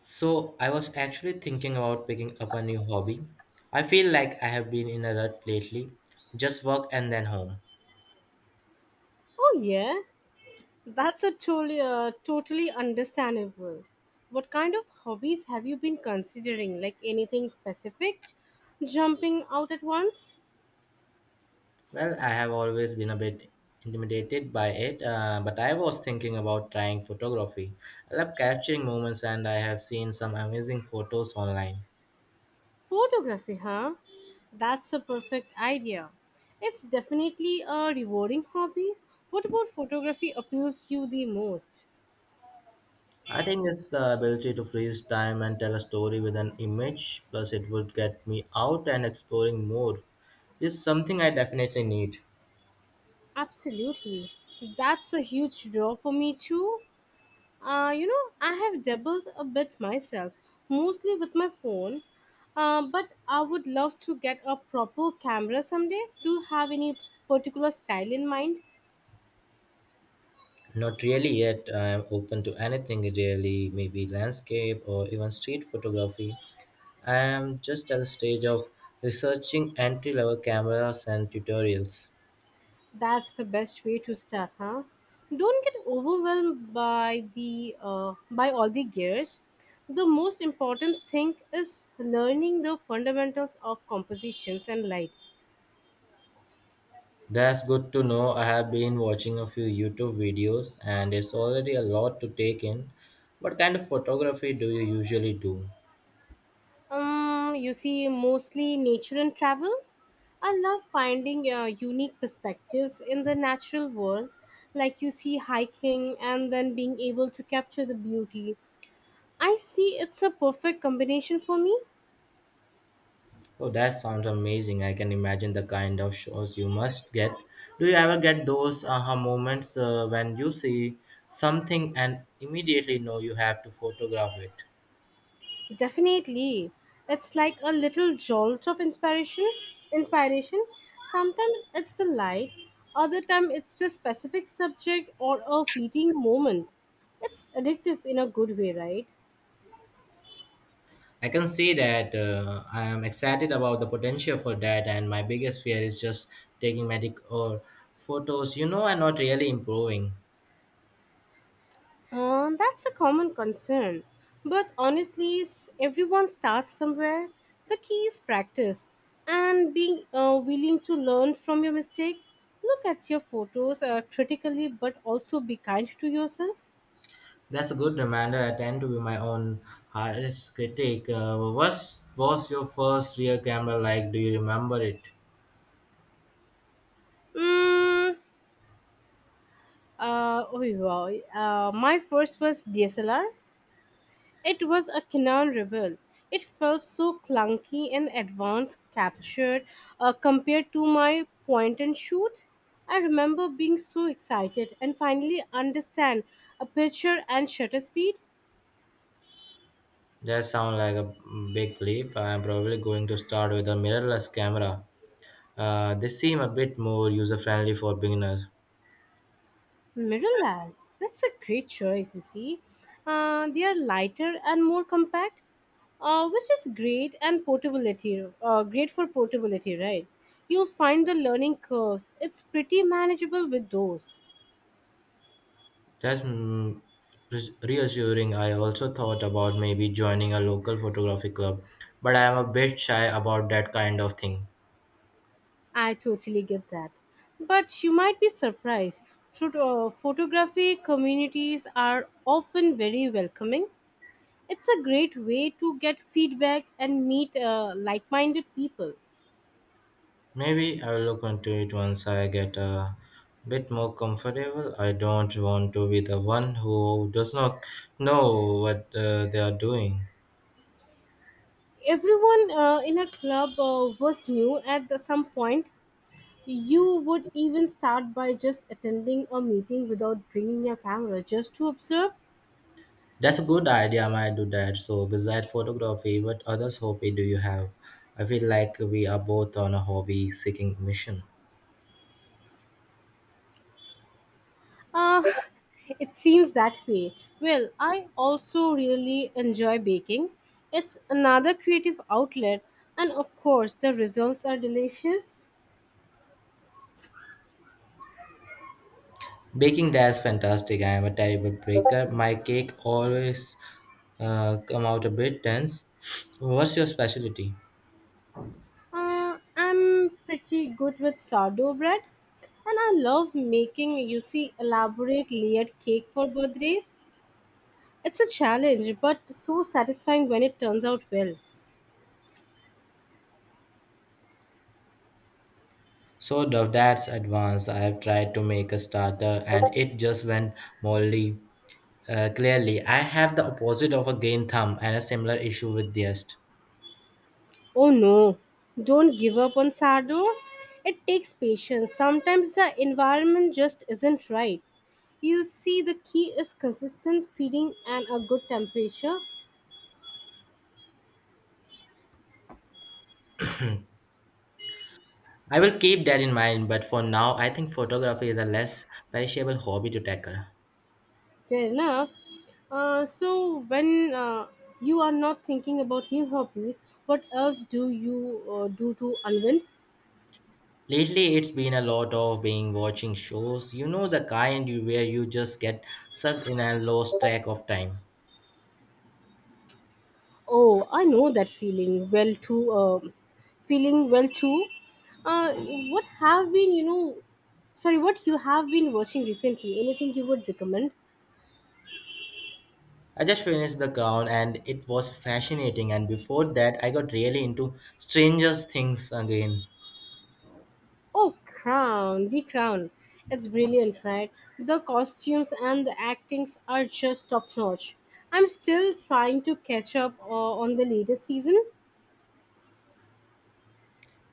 So, I was actually thinking about picking up a new hobby. I feel like I have been in a rut lately, just work and then home. Oh yeah, that's a totally understandable. What kind of hobbies have you been considering? Like anything specific? Jumping out at once? Well, I have always been a bit intimidated by it, but I was thinking about trying photography. I love capturing moments and I have seen some amazing photos online. Photography, huh? That's a perfect idea. It's definitely a rewarding hobby. What about photography appeals you the most? I think it's the ability to freeze time and tell a story with an image, plus, it would get me out and exploring more. This is something I definitely need. Absolutely. That's a huge draw for me too. You know, I have dabbled a bit myself, mostly with my phone. But I would love to get a proper camera someday. Do you have any particular style in mind? Not really yet. I am open to anything really, maybe landscape or even street photography. I am just at the stage of researching entry level cameras and tutorials. That's the best way to start, huh? Don't get overwhelmed by the by all the gears. The most important thing is learning the fundamentals of compositions and light. That's good to know. I have been watching a few YouTube videos and it's already a lot to take in. What kind of photography do you usually do? You see, mostly nature and travel. I love finding unique perspectives in the natural world, like you see hiking and then being able to capture the beauty. I see it's a perfect combination for me. Oh, that sounds amazing. I can imagine the kind of shows you must get. Do you ever get those aha moments when you see something and immediately know you have to photograph it? Definitely. It's like a little jolt of inspiration. Inspiration. Sometimes it's the light, other time it's the specific subject or a fleeting moment. It's addictive in a good way, right? I can see that, I am excited about the potential for that, and my biggest fear is just taking medic or photos, you know, and not really improving. That's a common concern. But honestly, everyone starts somewhere. The key is practice and being willing to learn from your mistake. Look at your photos critically, but also be kind to yourself. That's a good reminder. I tend to be my own hardest critic. What was your first real camera like? Do you remember it? Mm, oh, wow. My first was DSLR. It was a Canaan Rebel. It felt so clunky and advanced captured compared to my point and shoot. I remember being so excited and finally understand aperture and shutter speed. That sounds like a big leap. I'm probably going to start with a mirrorless camera. They seem a bit more user friendly for beginners. Mirrorless, that's a great choice, you see. They are lighter and more compact, which is great and portability. Great for portability, right? You'll find the learning curves. It's pretty manageable with those. That's reassuring. I also thought about maybe joining a local photography club, but I am a bit shy about that kind of thing. I totally get that. But you might be surprised. Photography communities are often very welcoming. It's a great way to get feedback and meet like minded people. Maybe I will look into it once I get a bit more comfortable. I don't want to be the one who does not know what they are doing. Everyone in a club was new at the, some point. You would even start by just attending a meeting without bringing your camera just to observe. That's a good idea, I might do that. So, besides photography, what other hobby do you have? I feel like we are both on a hobby seeking mission. Uh, it seems that way. Well, I also really enjoy baking. It's another creative outlet, and of course, the results are delicious. Baking, that's fantastic. I am a terrible baker. My cake always come out a bit dense. What's your specialty? I'm pretty good with sourdough bread, and I love making, you see, elaborate layered cake for birthdays. It's a challenge, but so satisfying when it turns out well. So of that's advanced. I have tried to make a starter and it just went moldy. Clearly, I have the opposite of a gain thumb and a similar issue with the yeast. Oh no, don't give up on Sardo. It takes patience. Sometimes the environment just isn't right. You see, the key is consistent feeding and a good temperature. I will keep that in mind, but for now, I think photography is a less perishable hobby to tackle. Fair enough. So, when you are not thinking about new hobbies, what else do you do to unwind? Lately, it's been a lot of being watching shows, you know, the kind where you just get sucked in and lost track of time. Oh, I know that feeling well too. Feeling well too. What have been? Sorry, what you have been watching recently? Anything you would recommend? I just finished The Crown and it was fascinating, and before that, I got really into Stranger Things again. Oh, The Crown. It's brilliant, right? The costumes and the actings are just top notch. I'm still trying to catch up on the latest season.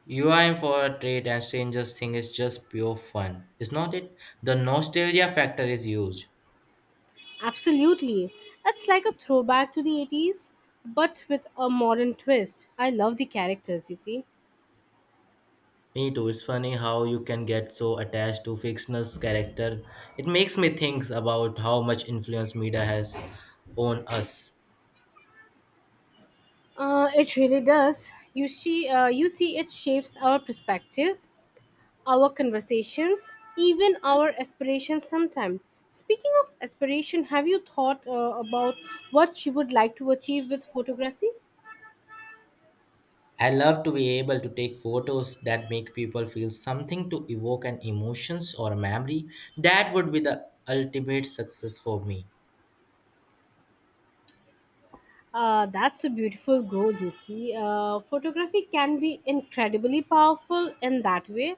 You are in for a treat, and Stranger Things is just pure fun, is not it? The nostalgia factor is huge. Absolutely. It's like a throwback to the 80s, but with a modern twist. I love the characters, you see. Me too. It's funny how you can get so attached to fictional character. It makes me think about how much influence media has on us. It really does. You see, it shapes our perspectives, our conversations, even our aspirations. Sometimes. Speaking of aspiration, have you thought about what you would like to achieve with photography? I love to be able to take photos that make people feel something to evoke an emotions or a memory. That would be the ultimate success for me. That's a beautiful goal, you see. Photography can be incredibly powerful in that way.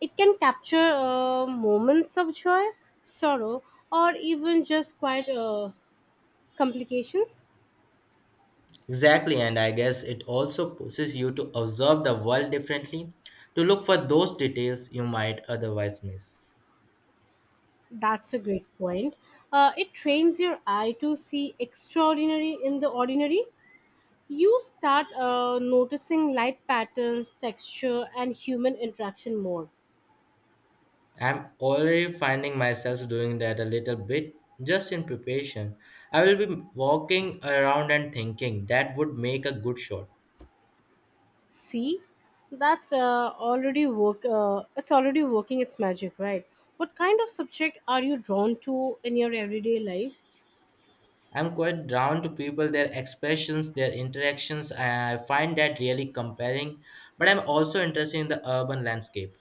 It can capture moments of joy, sorrow, or even just quite complications. Exactly, and I guess it also pushes you to observe the world differently, to look for those details you might otherwise miss. That's a great point. It trains your eye to see extraordinary in the ordinary. You start noticing light patterns, texture, and human interaction more. I'm already finding myself doing that a little bit just in preparation. I will be walking around and thinking that would make a good shot. See, that's already work. It's already working its magic, right? What kind of subject are you drawn to in your everyday life? I'm quite drawn to people, their expressions, their interactions. I find that really compelling, but I'm also interested in the urban landscape.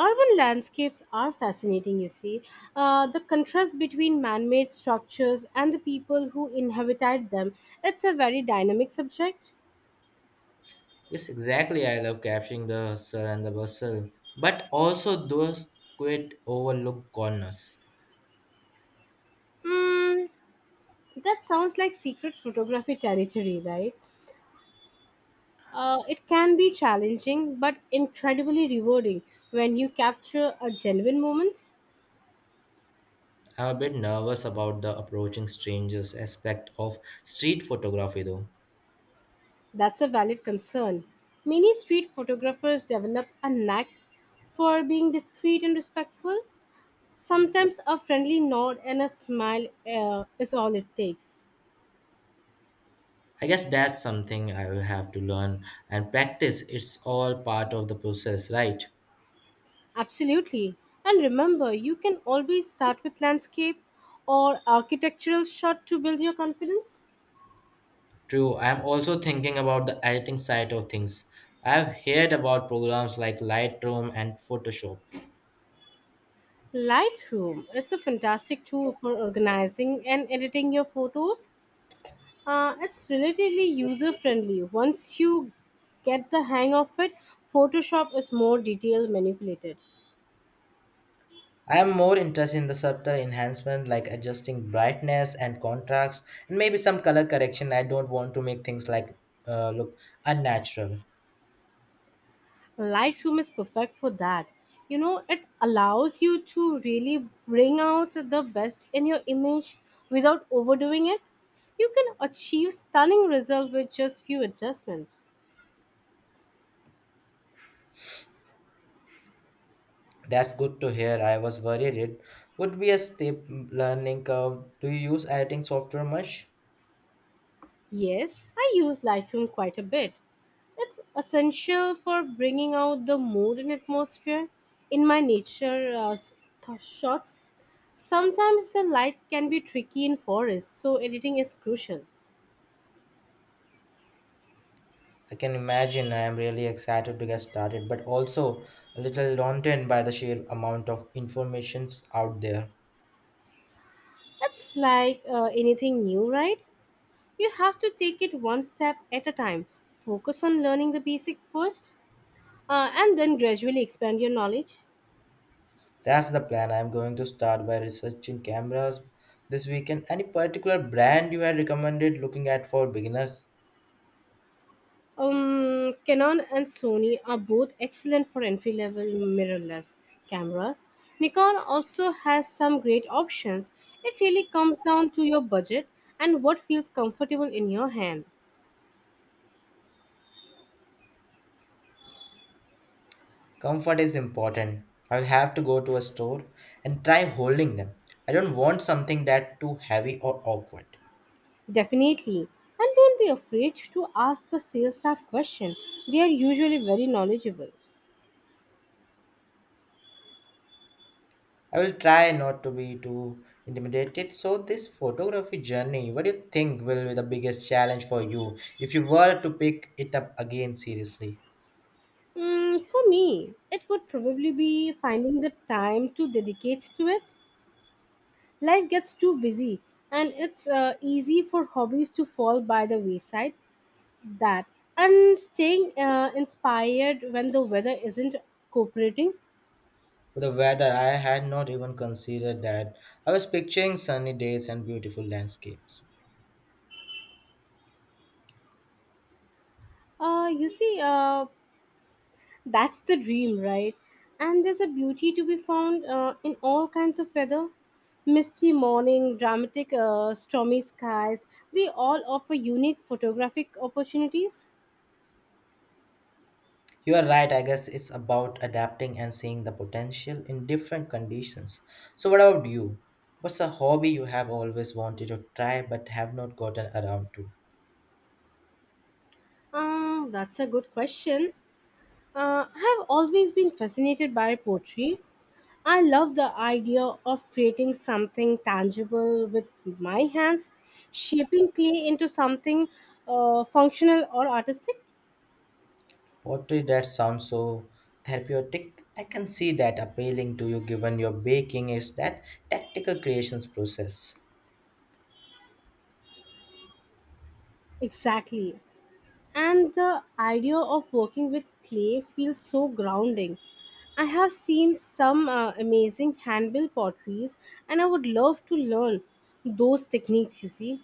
Urban landscapes are fascinating, you see. The contrast between man made structures and the people who inhabited them, it's a very dynamic subject. Yes, exactly. I love capturing the hustle and the bustle, but also those quiet overlooked corners. Hmm, that sounds like secret photography territory, right? It can be challenging but incredibly rewarding when you capture a genuine moment. I'm a bit nervous about the approaching strangers aspect of street photography, though. That's a valid concern. Many street photographers develop a knack for being discreet and respectful. Sometimes a friendly nod and a smile is all it takes. I guess that's something I will have to learn and practice. It's all part of the process, right? Absolutely. And remember, you can always start with landscape or architectural shot to build your confidence. True. I'm also thinking about the editing side of things. I've heard about programs like Lightroom and Photoshop. Lightroom, it's a fantastic tool for organizing and editing your photos. It's relatively user friendly. Once you get the hang of it, Photoshop is more detail manipulated. I am more interested in the subtle enhancement like adjusting brightness and contrast and maybe some color correction. I don't want to make things like look unnatural. Lightroom is perfect for that. You know, it allows you to really bring out the best in your image without overdoing it. You can achieve stunning results with just few adjustments. That's good to hear. I was worried it would be a steep learning curve. Do you use editing software much? Yes, I use Lightroom quite a bit. It's essential for bringing out the mood and atmosphere in my nature shots. Sometimes the light can be tricky in forests, so editing is crucial. I can imagine I am really excited to get started, but also a little daunted by the sheer amount of informations out there. It's like anything new, right? You have to take it one step at a time. Focus on learning the basic first and then gradually expand your knowledge. That's the plan. I am going to start by researching cameras this weekend. Any particular brand you had recommended looking at for beginners? Canon and Sony are both excellent for entry level mirrorless cameras. Nikon also has some great options. It really comes down to your budget and what feels comfortable in your hand. Comfort is important. I will have to go to a store and try holding them. I don't want something that too heavy or awkward. Definitely. And don't be afraid to ask the sales staff question. They are usually very knowledgeable. I will try not to be too intimidated. So, this photography journey, what do you think will be the biggest challenge for you if you were to pick it up again seriously? For me, it would probably be finding the time to dedicate to it. Life gets too busy, and it's easy for hobbies to fall by the wayside. That and staying inspired when the weather isn't cooperating. The weather, I had not even considered that. I was picturing sunny days and beautiful landscapes. Uh, you see, uh, that's the dream, right? And there's a beauty to be found in all kinds of weather. Misty morning, dramatic, stormy skies, they all offer unique photographic opportunities. You are right, I guess it's about adapting and seeing the potential in different conditions. So, what about you? What's a hobby you have always wanted to try but have not gotten around to? That's a good question. I have always been fascinated by poetry. I love the idea of creating something tangible with my hands, shaping clay into something functional or artistic. Pottery, that sounds so therapeutic. I can see that appealing to you given your baking is that tactical creations process. Exactly. And the idea of working with clay feels so grounding. I have seen some amazing hand-built potteries, and I would love to learn those techniques.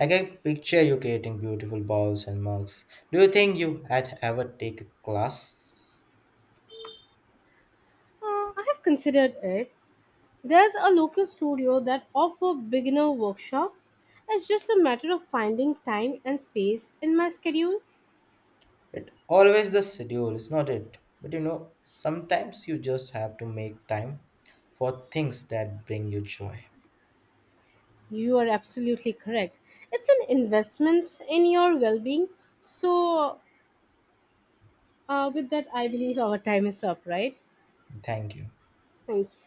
I can picture you creating beautiful bowls and mugs. Do you think you had ever take a class? I have considered it. There's a local studio that offer beginner workshop. It's just a matter of finding time and space in my schedule. It always the schedule, is not it? But you know, sometimes you just have to make time for things that bring you joy. You are absolutely correct. It's an investment in your well-being. So, with that, I believe our time is up, right? Thank you. Thank you.